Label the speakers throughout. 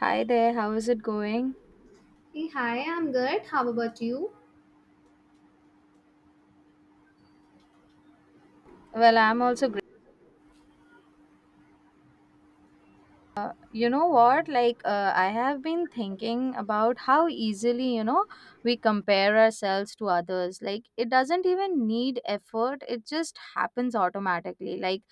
Speaker 1: Hi there, how is it going?
Speaker 2: Hey, hi, I'm good. How about you?
Speaker 1: Well, I'm also great. You know what? I have been thinking about how easily, we compare ourselves to others. Like, it doesn't even need effort, it just happens automatically. Like,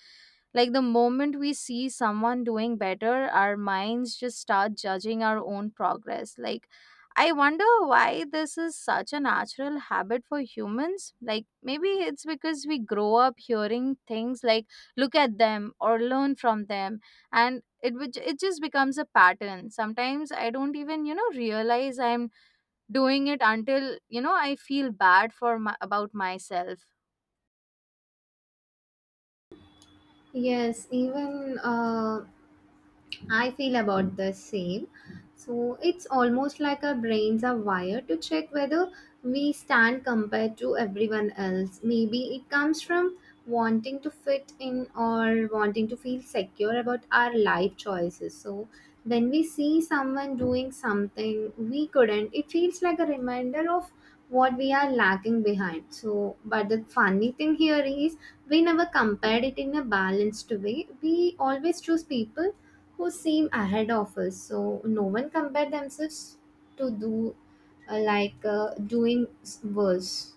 Speaker 1: Like the moment we see someone doing better, our minds just start judging our own progress. Like, I wonder why this is such a natural habit for humans. Like, maybe it's because we grow up hearing things like, look at them or learn from them. And it just becomes a pattern. Sometimes I don't even, realize I'm doing it until, I feel bad for about myself.
Speaker 2: Yes, even I feel about the same. So it's almost like our brains are wired to check whether we stand compared to everyone else. Maybe it comes from wanting to fit in or wanting to feel secure about our life choices. So when we see someone doing something we couldn't, it feels like a reminder of what we are lacking behind. So, but the funny thing here is we never compared it in a balanced way. We always choose people who seem ahead of us so no one compare themselves to do worse.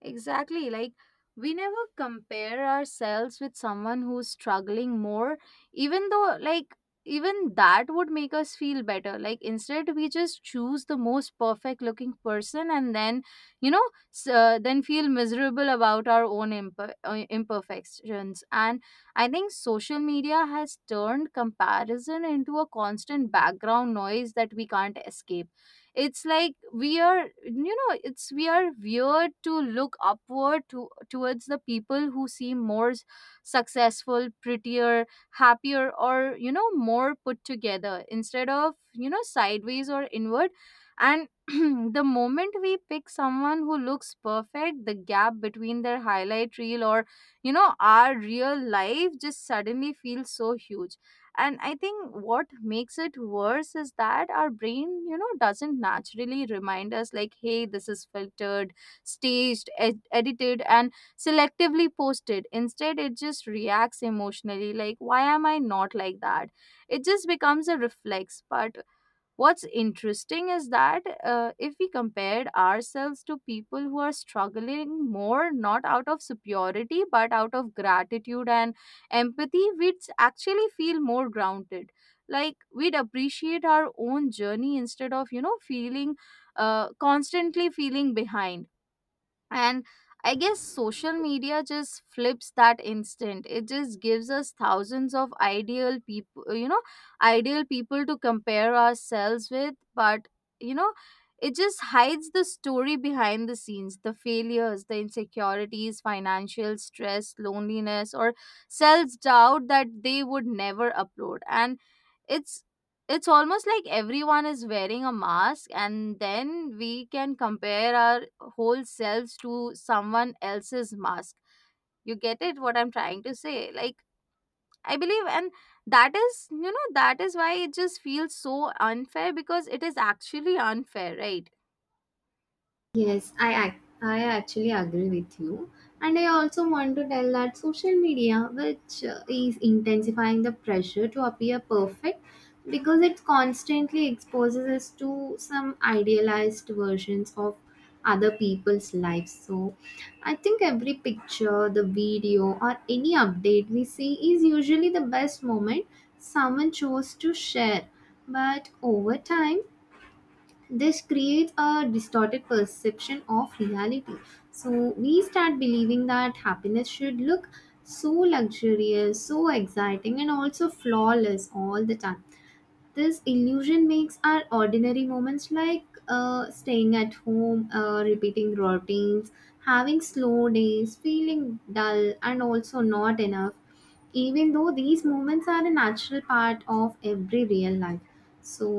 Speaker 1: Exactly. Like, we never compare ourselves with someone who's struggling more, even though, like, even that would make us feel better. Like, instead, we just choose the most perfect looking person and then, you know, then feel miserable about our own imperfections. And I think social media has turned comparison into a constant background noise that we can't escape. It's like we are, you know it's we are weird to look upward to towards the people who seem more successful, prettier, happier, or, you know, more put together instead of, you know, sideways or inward. And the moment we pick someone who looks perfect, the gap between their highlight reel or, you know, our real life just suddenly feels so huge. And I think what makes it worse is that our brain, you know, doesn't naturally remind us like, hey, this is filtered, staged, edited, and selectively posted. Instead it just reacts emotionally like, why am I not like that? It just becomes a reflex. But what's interesting is that, if we compared ourselves to people who are struggling more, not out of superiority, but out of gratitude and empathy, we'd actually feel more grounded. Like, we'd appreciate our own journey instead of, you know, feeling constantly feeling behind. And I guess social media just flips that instant. It just gives us thousands of ideal people, ideal people to compare ourselves with. But, you know, it just hides the story behind the scenes, the failures, the insecurities, financial stress, loneliness, or self doubt that they would never upload. And it's it's almost like everyone is wearing a mask and then we can compare our whole selves to someone else's mask. You get it, what I'm trying to say? Like, I believe, and that is, you know, that is why it just feels so unfair, because it is actually unfair, right?
Speaker 2: Yes, I actually agree with you. And I also want to tell that social media, which is intensifying the pressure to appear perfect because it constantly exposes us to some idealized versions of other people's lives. So I think every picture, the video, or any update we see is usually the best moment someone chose to share. But over time, this creates a distorted perception of reality, so we start believing that happiness should look so luxurious, so exciting, and also flawless all the time. This illusion makes our ordinary moments like staying at home, repeating routines, having slow days, feeling dull and also not enough, even though these moments are a natural part of every real life. So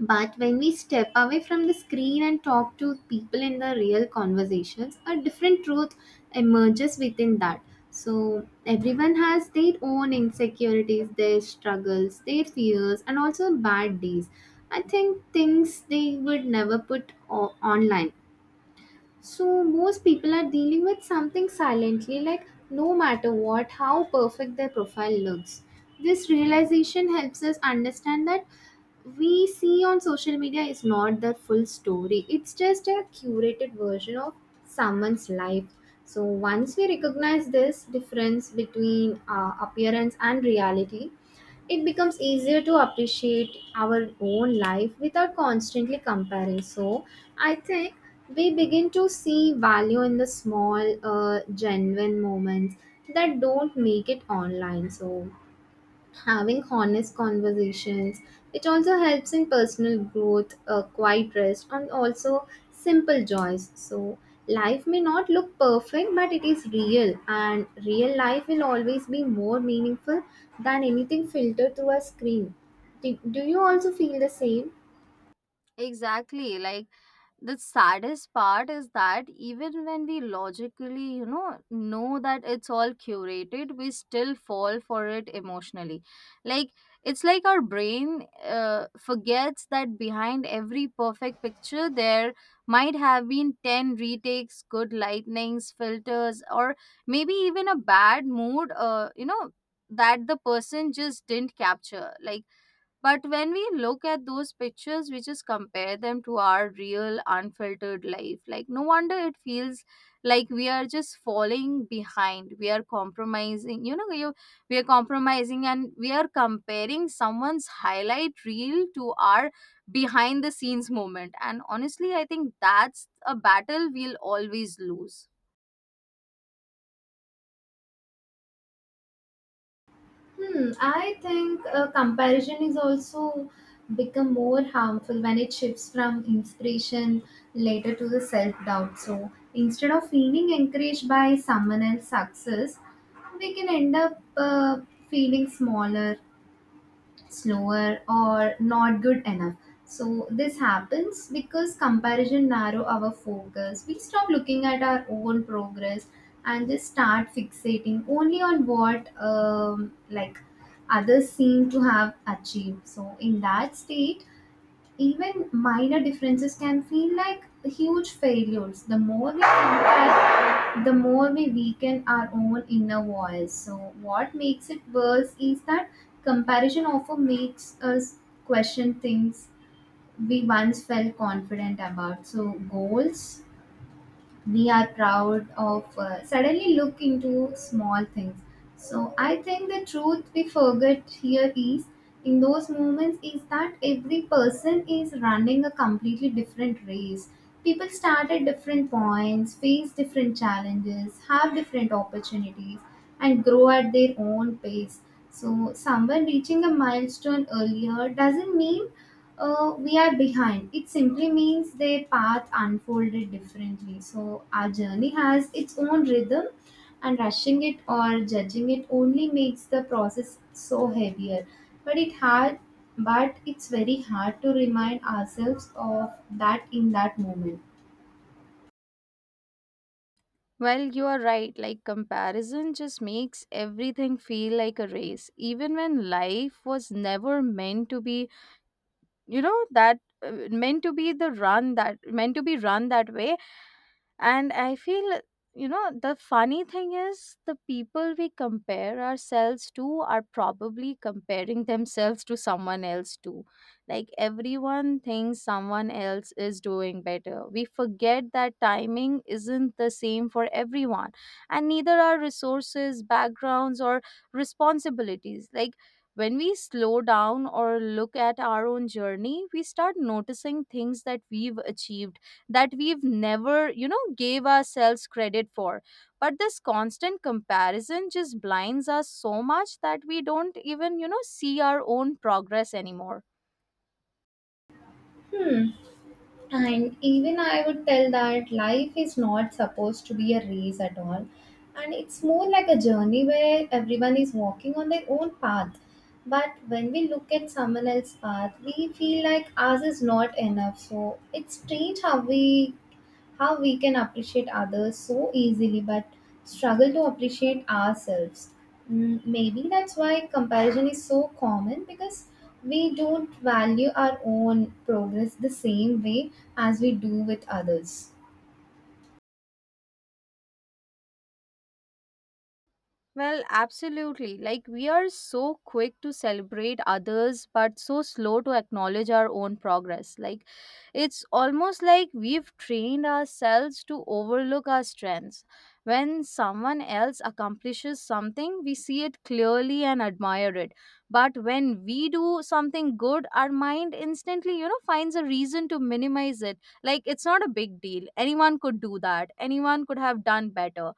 Speaker 2: but when we step away from the screen and talk to people in the real conversations, a different truth emerges within that. So everyone has their own insecurities, their struggles, their fears, and also bad days. I think things they would never put online. So, most people are dealing with something silently, like no matter what, how perfect their profile looks. This realization helps us understand that we see on social media is not the full story, it's just a curated version of someone's life. So, once we recognize this difference between appearance and reality, it becomes easier to appreciate our own life without constantly comparing. So, I think we begin to see value in the small, genuine moments that don't make it online. So, having honest conversations. It also helps in personal growth, quiet rest, and also simple joys. So, life may not look perfect, but it is real, and real life will always be more meaningful than anything filtered through a screen. Do you also feel the same?
Speaker 1: Exactly. Like, the saddest part is that even when we logically, you know that it's all curated, we still fall for it emotionally. Like, it's like our brain, forgets that behind every perfect picture there might have been 10 retakes, good lightnings, filters, or maybe even a bad mood, you know, that the person just didn't capture. Like, but when we look at those pictures, we just compare them to our real, unfiltered life. Like, no wonder it feels like we are just falling behind. We are compromising, we are compromising and we are comparing someone's highlight reel to our behind the scenes moment. And honestly, I think that's a battle we'll always lose.
Speaker 2: Hmm, I think comparison is also become more harmful when it shifts from inspiration later to the self doubt. So instead of feeling encouraged by someone else's success, we can end up feeling smaller, slower, or not good enough. So this happens because comparison narrow our focus. We stop looking at our own progress and just start fixating only on what others seem to have achieved. So in that state even minor differences can feel like huge failures. The more we compare, the more we weaken our own inner voice. So, what makes it worse is that comparison often makes us question things we once felt confident about. So, goals we are proud of suddenly look into small things. So I think the truth we forget here is, in those moments, is that every person is running a completely different race. People start at different points, face different challenges, have different opportunities, and grow at their own pace. So someone reaching a milestone earlier doesn't mean we are behind. It simply means their path unfolded differently. So our journey has its own rhythm, and rushing it or judging it only makes the process so heavier. But it hard, but it's very hard to remind ourselves of that in that moment.
Speaker 1: Well, you are right. Like, comparison just makes everything feel like a race, even when life was never meant to be, you know, that meant to be run that way. And I feel, you know, the funny thing is the people we compare ourselves to are probably comparing themselves to someone else too. Like, everyone thinks someone else is doing better. We forget that timing isn't the same for everyone, and neither are resources, backgrounds, or responsibilities. Like, when we slow down or look at our own journey, we start noticing things that we've achieved that we've never, you know, gave ourselves credit for. But this constant comparison just blinds us so much that we don't even, you know, see our own progress anymore.
Speaker 2: Hmm. And even I would tell that life is not supposed to be a race at all. And it's more like a journey where everyone is walking on their own path. But when we look at someone else's path, we feel like ours is not enough. So it's strange how we can appreciate others so easily but struggle to appreciate ourselves. Mm, maybe that's why comparison is so common because we don't value our own progress the same way as we do with others.
Speaker 1: Well, absolutely. Like, we are so quick to celebrate others, but so slow to acknowledge our own progress. Like, it's almost like we've trained ourselves to overlook our strengths. When someone else accomplishes something, we see it clearly and admire it. But when we do something good, our mind instantly, you know, finds a reason to minimize it. Like, it's not a big deal. Anyone could do that, anyone could have done better.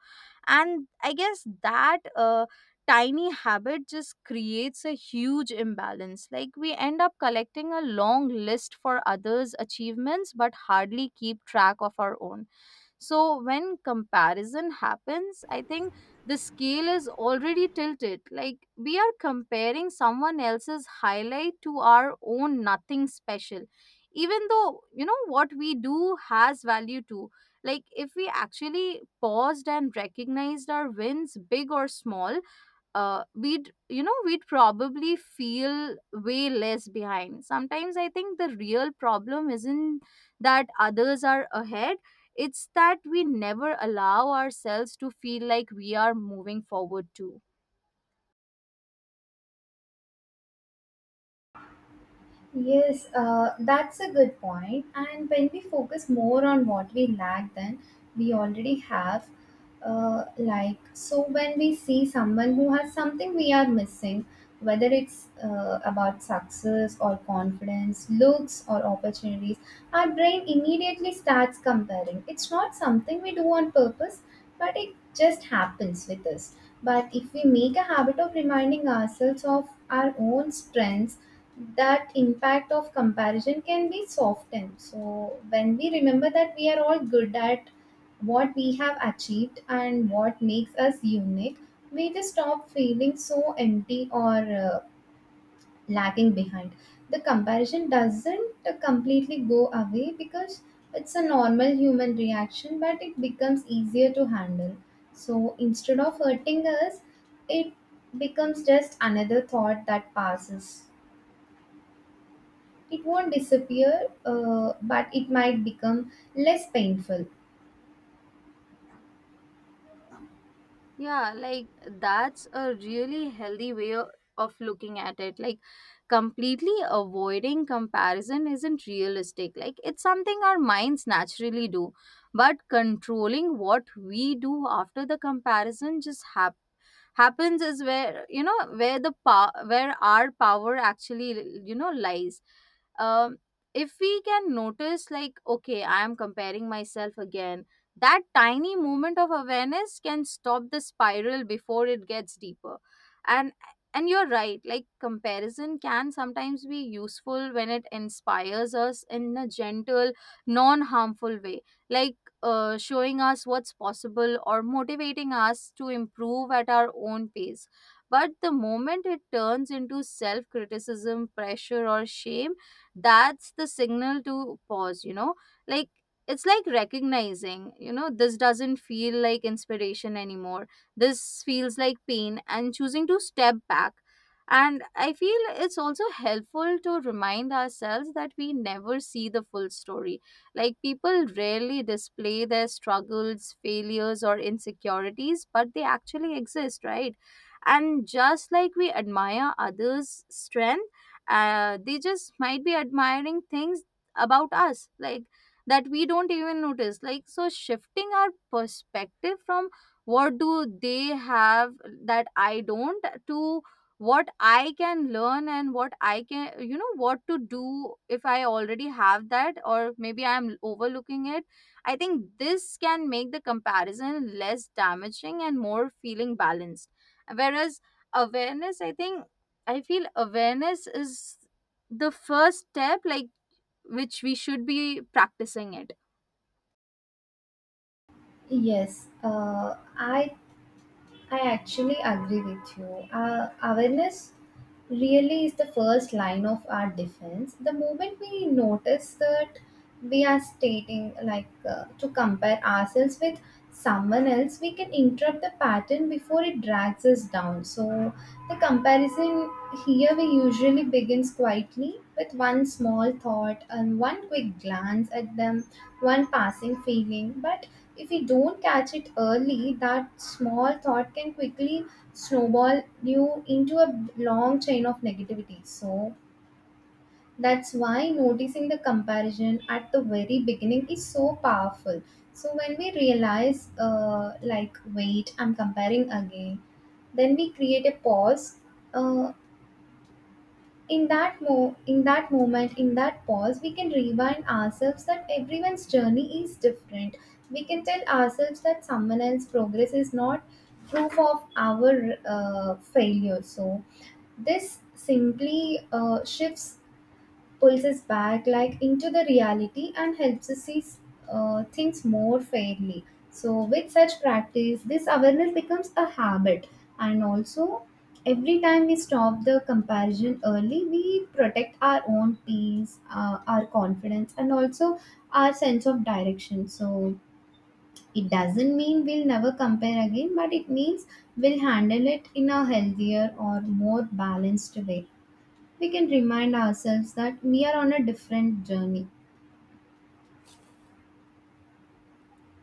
Speaker 1: And I guess that, tiny habit just creates a huge imbalance. Like, we end up collecting a long list for others' achievements but hardly keep track of our own. So when comparison happens, I think the scale is already tilted. Like, we are comparing someone else's highlight to our own nothing special. Even though, you know, what we do has value too. Like, if we actually paused and recognized our wins, big or small, we'd we'd probably feel way less behind. Sometimes I think the real problem isn't that others are ahead, it's that we never allow ourselves to feel like we are moving forward too.
Speaker 2: Yes, that's a good point. And when we focus more on what we lack than we already have, so when we see someone who has something we are missing, whether it's about success or confidence, looks or opportunities, our brain immediately starts comparing. It's not something we do on purpose, but it just happens with us. But if we make a habit of reminding ourselves of our own strengths, that impact of comparison can be softened. So, when we remember that we are all good at what we have achieved and what makes us unique, we just stop feeling so empty or uh, lagging behind. The comparison doesn't completely go away because it's a normal human reaction, but it becomes easier to handle. So, instead of hurting us, it becomes just another thought that passes. It won't disappear, but it might become less painful.
Speaker 1: Yeah, like, that's a really healthy way of looking at it. Like, completely avoiding comparison isn't realistic. Like, it's something our minds naturally do. But controlling what we do after the comparison just happens is where, you know, where our power actually, you know, lies. um, if we can notice like, okay, I am comparing myself again, that tiny moment of awareness can stop the spiral before it gets deeper. And and you're right, like comparison can sometimes be useful when it inspires us in a gentle, non harmful way. like Showing us what's possible or motivating us to improve at our own pace. But the moment it turns into self criticism, pressure, or shame, that's the signal to pause, you know? Like, it's like recognizing, you know, this doesn't feel like inspiration anymore. This feels like pain, and choosing to step back. And I feel it's also helpful to remind ourselves that we never see the full story. Like, people rarely display their struggles, failures, or insecurities, but they actually exist, right? And just like we admire others' strength, they just might be admiring things about us, like, that we don't even notice. Like, so shifting our perspective from, what do they have that I don't, to what I can learn and what I can, you know, what to do if I already have that or maybe I'm overlooking it. I think this can make the comparison less damaging and more feeling balanced. Whereas awareness, I feel awareness is the first step, like, which we should be practicing it.
Speaker 2: Yes, I actually agree with you. Awareness really is the first line of our defense. The moment we notice that we are stating, like, to compare ourselves with someone else, we can interrupt the pattern before it drags us down. So, the comparison here we usually begins quietly with one small thought and one quick glance at them, one passing feeling, but if we don't catch it early, that small thought can quickly snowball you into a long chain of negativity. So that's why noticing the comparison at the very beginning is so powerful. So when we realize, wait, I'm comparing again, then we create a pause. Uh, in that moment in that pause we can remind ourselves that everyone's journey is different. We can tell ourselves that someone else's progress is not proof of our failure. So this simply shifts, pulls us back like into the reality and helps us see things more fairly. So with such practice this awareness becomes a habit, and also every time we stop the comparison early we protect our own peace, our confidence, and also our sense of direction. So it doesn't mean we'll never compare again, but it means we'll handle it in a healthier or more balanced way. We can remind ourselves that we are on a different journey.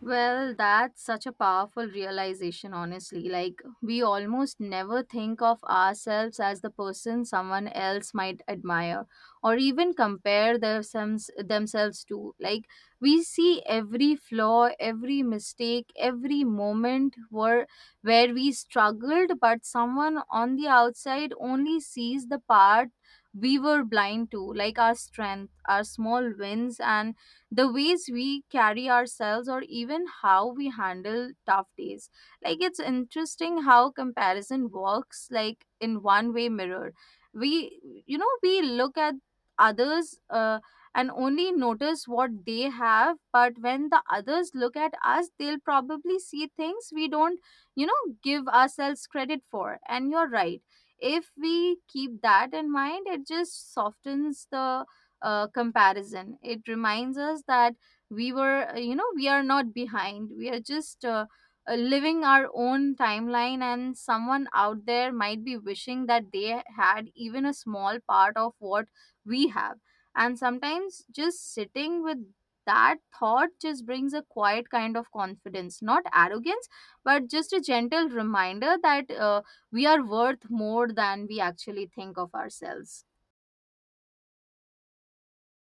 Speaker 1: Well, that's such a powerful realization, honestly. Like, we almost never think of ourselves as the person someone else might admire or even compare themselves to. Like, we see every flaw, every mistake, every moment where we struggled, but someone on the outside only sees the part we were blind to, like our strength, our small wins, and the ways we carry ourselves or even how we handle tough days. Like, it's interesting how comparison works, like in one way mirror, we, you know, we look at others, and only notice what they have. But when the others look at us, they'll probably see things we don't, you know, give ourselves credit for. And you're right, if we keep that in mind, it just softens the, comparison. It reminds us that we were, you know, we are not behind. We are just, living our own timeline, and someone out there might be wishing that they had even a small part of what we have. And sometimes just sitting with that thought just brings a quiet kind of confidence, not arrogance, but just a gentle reminder that, we are worth more than we actually think of ourselves.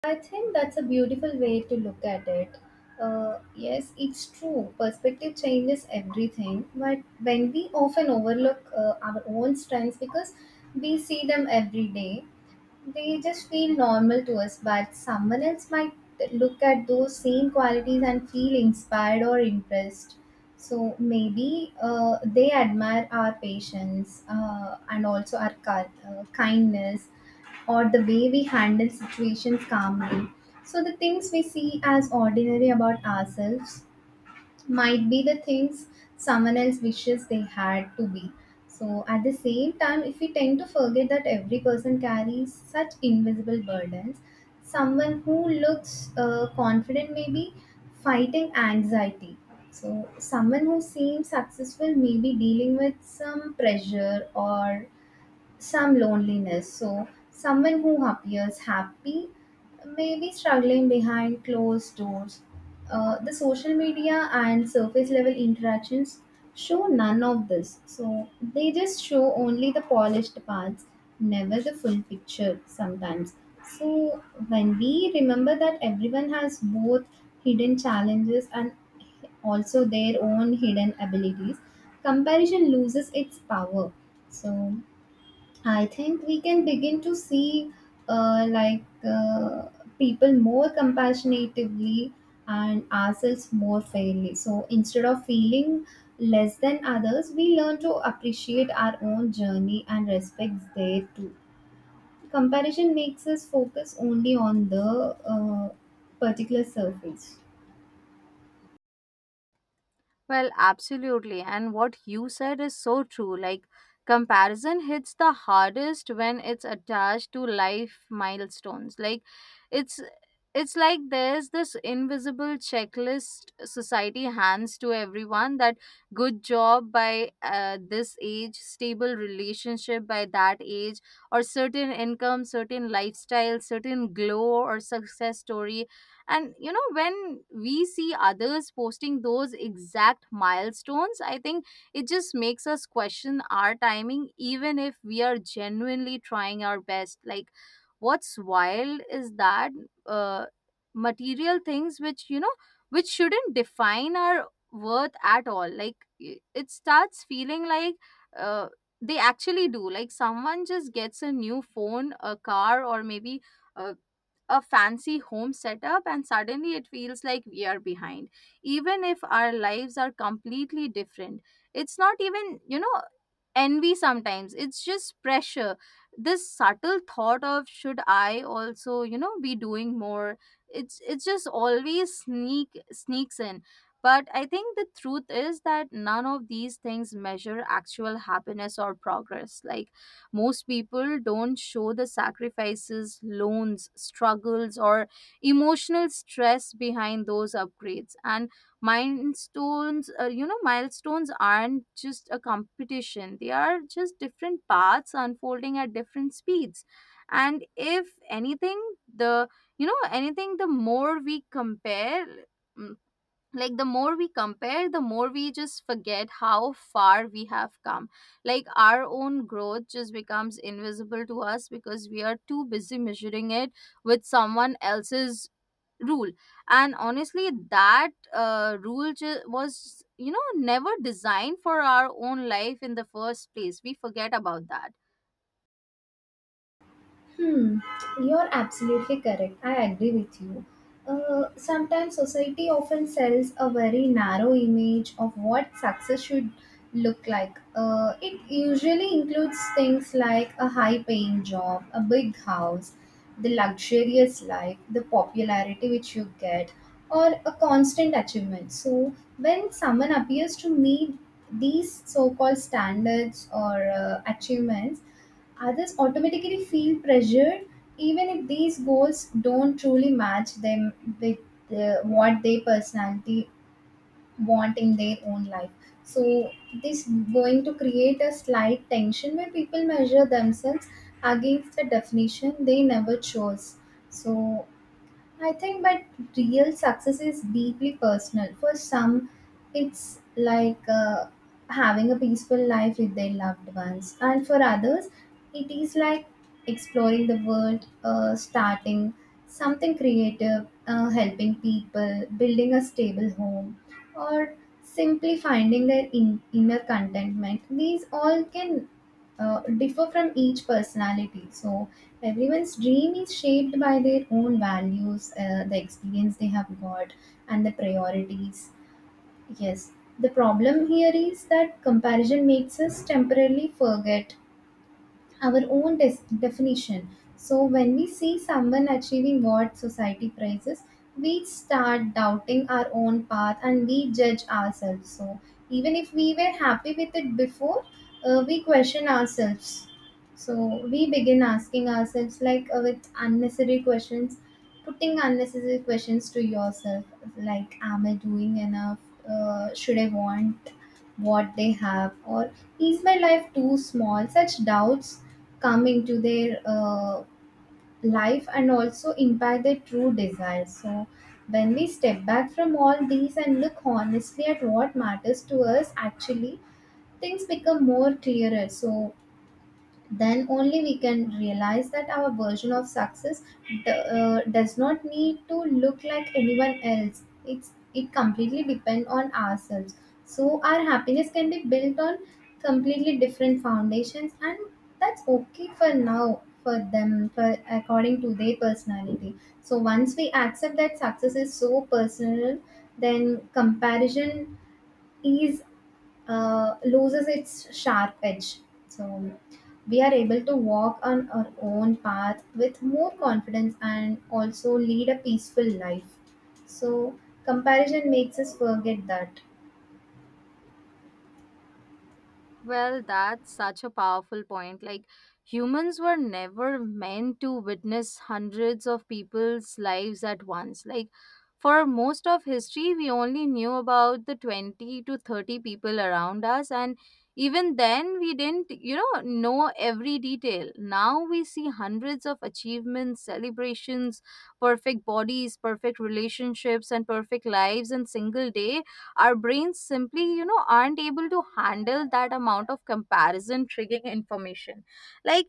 Speaker 2: I think that's a beautiful way to look at it. Yes, it's true. Perspective changes everything, but when we often overlook our own strengths, because we see them every day, they just feel normal to us, but someone else might look at those same qualities and feel inspired or impressed. So maybe they admire our patience, and also our kindness, or the way we handle situations calmly. So the things we see as ordinary about ourselves might be the things someone else wishes they had to be. So, at the same time, if we tend to forget that every person carries such invisible burdens, someone who looks confident may be fighting anxiety. So, someone who seems successful may be dealing with some pressure or some loneliness. So, someone who appears happy may be struggling behind closed doors. The social media and surface level interactions show none of this. So, they just show only the polished parts, never the full picture sometimes. So, when we remember that everyone has both hidden challenges and also their own hidden abilities, comparison loses its power. So, I think we can begin to see uh, like uh, people more compassionatively and ourselves more fairly. So instead of feeling less than others, we learn to appreciate our own journey and respect their too. Comparison makes us focus only on the particular surface.
Speaker 1: Well, absolutely. And what you said is so true. Like, comparison hits the hardest when it's attached to life milestones. Like, it's it's like there's this invisible checklist society hands to everyone that good job by this age, stable relationship by that age, or certain income, certain lifestyle, certain glow or success story. And you know, when we see others posting those exact milestones, I think it just makes us question our timing even if we are genuinely trying our best. Like, what's wild is that uh, material things, which you know, which shouldn't define our worth at all, like it starts feeling like uh, they actually do. Like, someone just gets a new phone, a car, or maybe a a fancy home setup, and suddenly it feels like we are behind even if our lives are completely different. It's not even, you know, envy sometimes. It's just pressure, this subtle thought of should I also, you know, be doing more. It's just always sneaks in. But I think the truth is that none of these things measure actual happiness or progress. Like, most people don't show the sacrifices, loans, struggles, or emotional stress behind those upgrades. And milestones, milestones aren't just a competition, they are just different paths unfolding at different speeds. And if anything, the you know anything the more we compare, mm, like the more we compare, the more we just forget how far we have come. Like, our own growth just becomes invisible to us because we are too busy measuring it with someone else's rule. And honestly, that was, you know, never designed for our own life in the first place. We forget about that.
Speaker 2: Hmm, you're absolutely correct. I agree with you. Sometimes society often sells a very narrow image of what success should look like. It usually includes things like a high paying job, a big house, the luxurious life, the popularity which you get, or a constant achievement. So, when someone appears to meet these so called standards or achievements, others automatically feel pressured even if these goals don't truly match them with the, what their personality want in their own life. So this going to create a slight tension where people measure themselves against the definition they never chose. So I think, but real success is deeply personal. For some, it's like having a peaceful life with their loved ones, and for others, it is like exploring the world, starting something creative, helping people, building a stable home, or simply finding their inner contentment. These all can differ from each personality. So everyone's dream is shaped by their own values, the experience they have got, and the priorities. Yes, the problem here is that comparison makes us temporarily forget our own definition. So when we see someone achieving what society prizes, we start doubting our own path and we judge ourselves. So even if we were happy with it before, we question ourselves. So we begin asking ourselves with unnecessary questions, putting unnecessary questions to yourself like, am I doing enough? Should I want what they have? Or is my life too small? Such doubts come into their life and also impact their true desires. So when we step back from all these and look honestly at what matters to us actually, things become more clearer. So then only we can realize that our version of success does not need to look like anyone else, it's it completely depend on ourselves. So our happiness can be built on completely different foundations, and that's okay for now, for them, for according to their personality. So once we accept that success is so personal, then comparison is loses its sharp edge. So we are able to walk on our own path with more confidence and also lead a peaceful life. So comparison makes us forget that.
Speaker 1: Well, that's such a powerful point. Like, humans were never meant to witness hundreds of people's lives at once. Like, for most of history, we only knew about the 20 to 30 people around us, and even then, we didn't, you know every detail. Now we see hundreds of achievements, celebrations, perfect bodies, perfect relationships, and perfect lives in single day. Our brains simply, you know, aren't able to handle that amount of comparison triggering information. Like,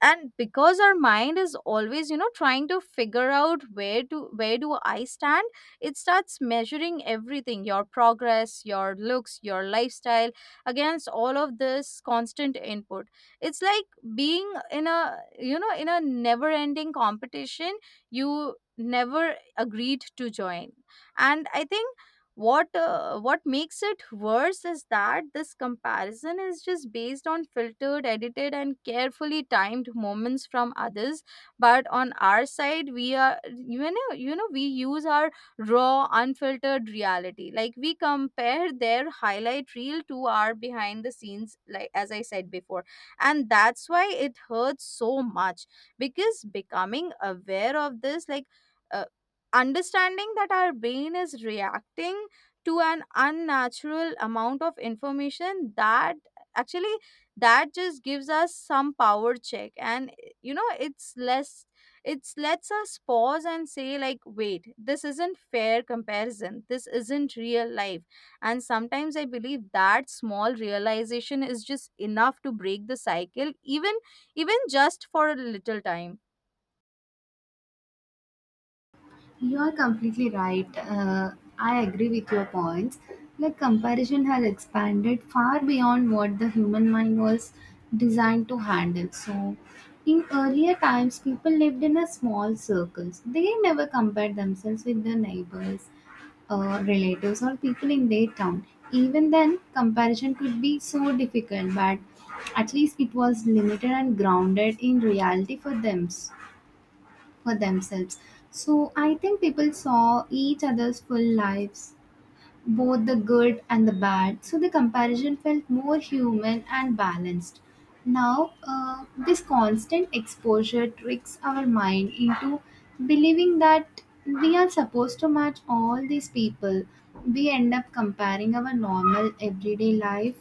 Speaker 1: and because our mind is always, you know, trying to figure out where do I stand, it starts measuring everything, your progress, your looks, your lifestyle, against all of this constant input. It's like being in a, you know, in a never ending competition you never agreed to join. And I think what makes it worse is that this comparison is just based on filtered, edited, and carefully timed moments from others. But on our side, we are, you know, we use our raw unfiltered reality. Like, we compare their highlight reel to our behind the scenes, like as I said before, and that's why it hurts so much. Because becoming aware of this, like uh, understanding that our brain is reacting to an unnatural amount of information that actually, that just gives us some power check. And you know, it's lets us pause and say like, wait, this isn't fair comparison, this isn't real life. And sometimes I believe that small realization is just enough to break the cycle, even even just for a little time.
Speaker 2: You are completely right. I agree with your points. Like, comparison has expanded far beyond what the human mind was designed to handle. So, in earlier times, people lived in a small circles. They never compared themselves with their neighbors, relatives, or people in their town. Even then, comparison could be so difficult, but at least it was limited and grounded in reality for them, for themselves. So I think people saw each other's full lives, both the good and the bad. So the comparison felt more human and balanced. Now, this constant exposure tricks our mind into believing that we are supposed to match all these people. We end up comparing our normal everyday life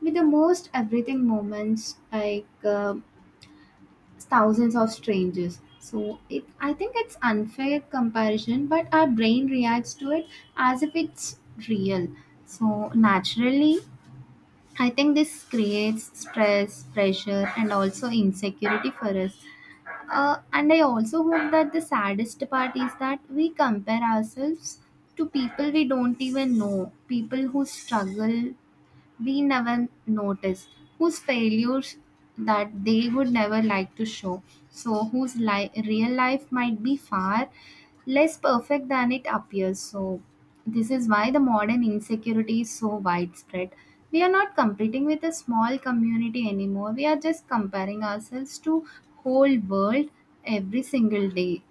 Speaker 2: with the most everything moments like. Thousands of strangers, so it, I think it's unfair comparison, but our brain reacts to it as if it's real. So naturally, I think this creates stress, pressure, and also insecurity for us. And I also hope that the saddest part is that we compare ourselves to people we don't even know, people who struggle we never notice, whose failures that they would never like to show, so whose real life might be far less perfect than it appears. So, this is why the modern insecurity is so widespread. We are not competing with a small community anymore, we are just comparing ourselves to whole world every single day,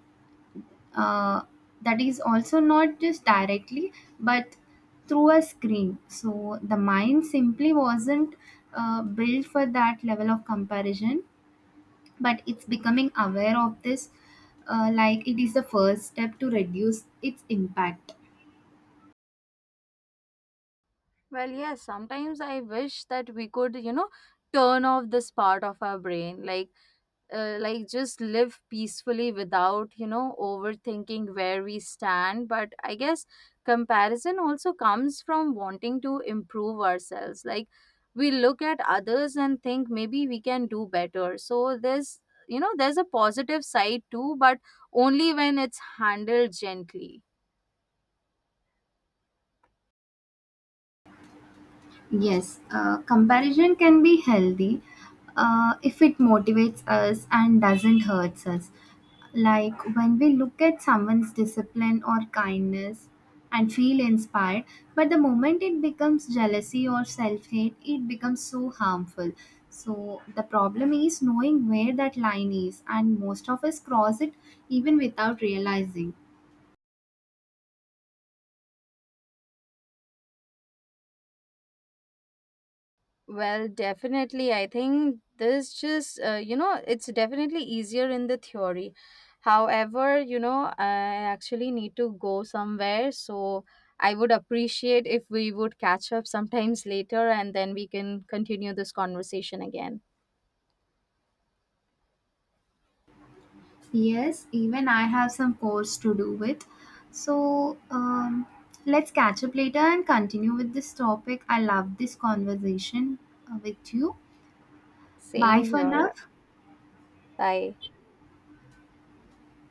Speaker 2: uh, that is also not just directly but through a screen. So the mind simply wasn't built for that level of comparison, but it's becoming aware of this, like it is the first step to reduce its impact.
Speaker 1: Well, yes, sometimes I wish that we could, you know, turn off this part of our brain. Like just live peacefully without, you know, overthinking where we stand. But I guess comparison also comes from wanting to improve ourselves. Like, we look at others and think maybe we can do better, so there's, you know, there's a positive side too, but only when it's handled gently.
Speaker 2: Yes, comparison can be healthy if it motivates us and doesn't hurt us. Like when we look at someone's discipline or kindness and feel inspired, but the moment it becomes jealousy or self hate, it becomes so harmful. So the problem is knowing where that line is, and most of us cross it even without realizing.
Speaker 1: Well, definitely. I think this just, it's definitely easier in the theory. However, you know, I actually need to go somewhere. So I would appreciate if we would catch up sometimes later and then we can continue this conversation again.
Speaker 2: Yes, even I have some course to do with. So let's catch up later and continue with this topic. I love this conversation with you. Bye
Speaker 1: Same
Speaker 2: for now.
Speaker 1: here. Bye.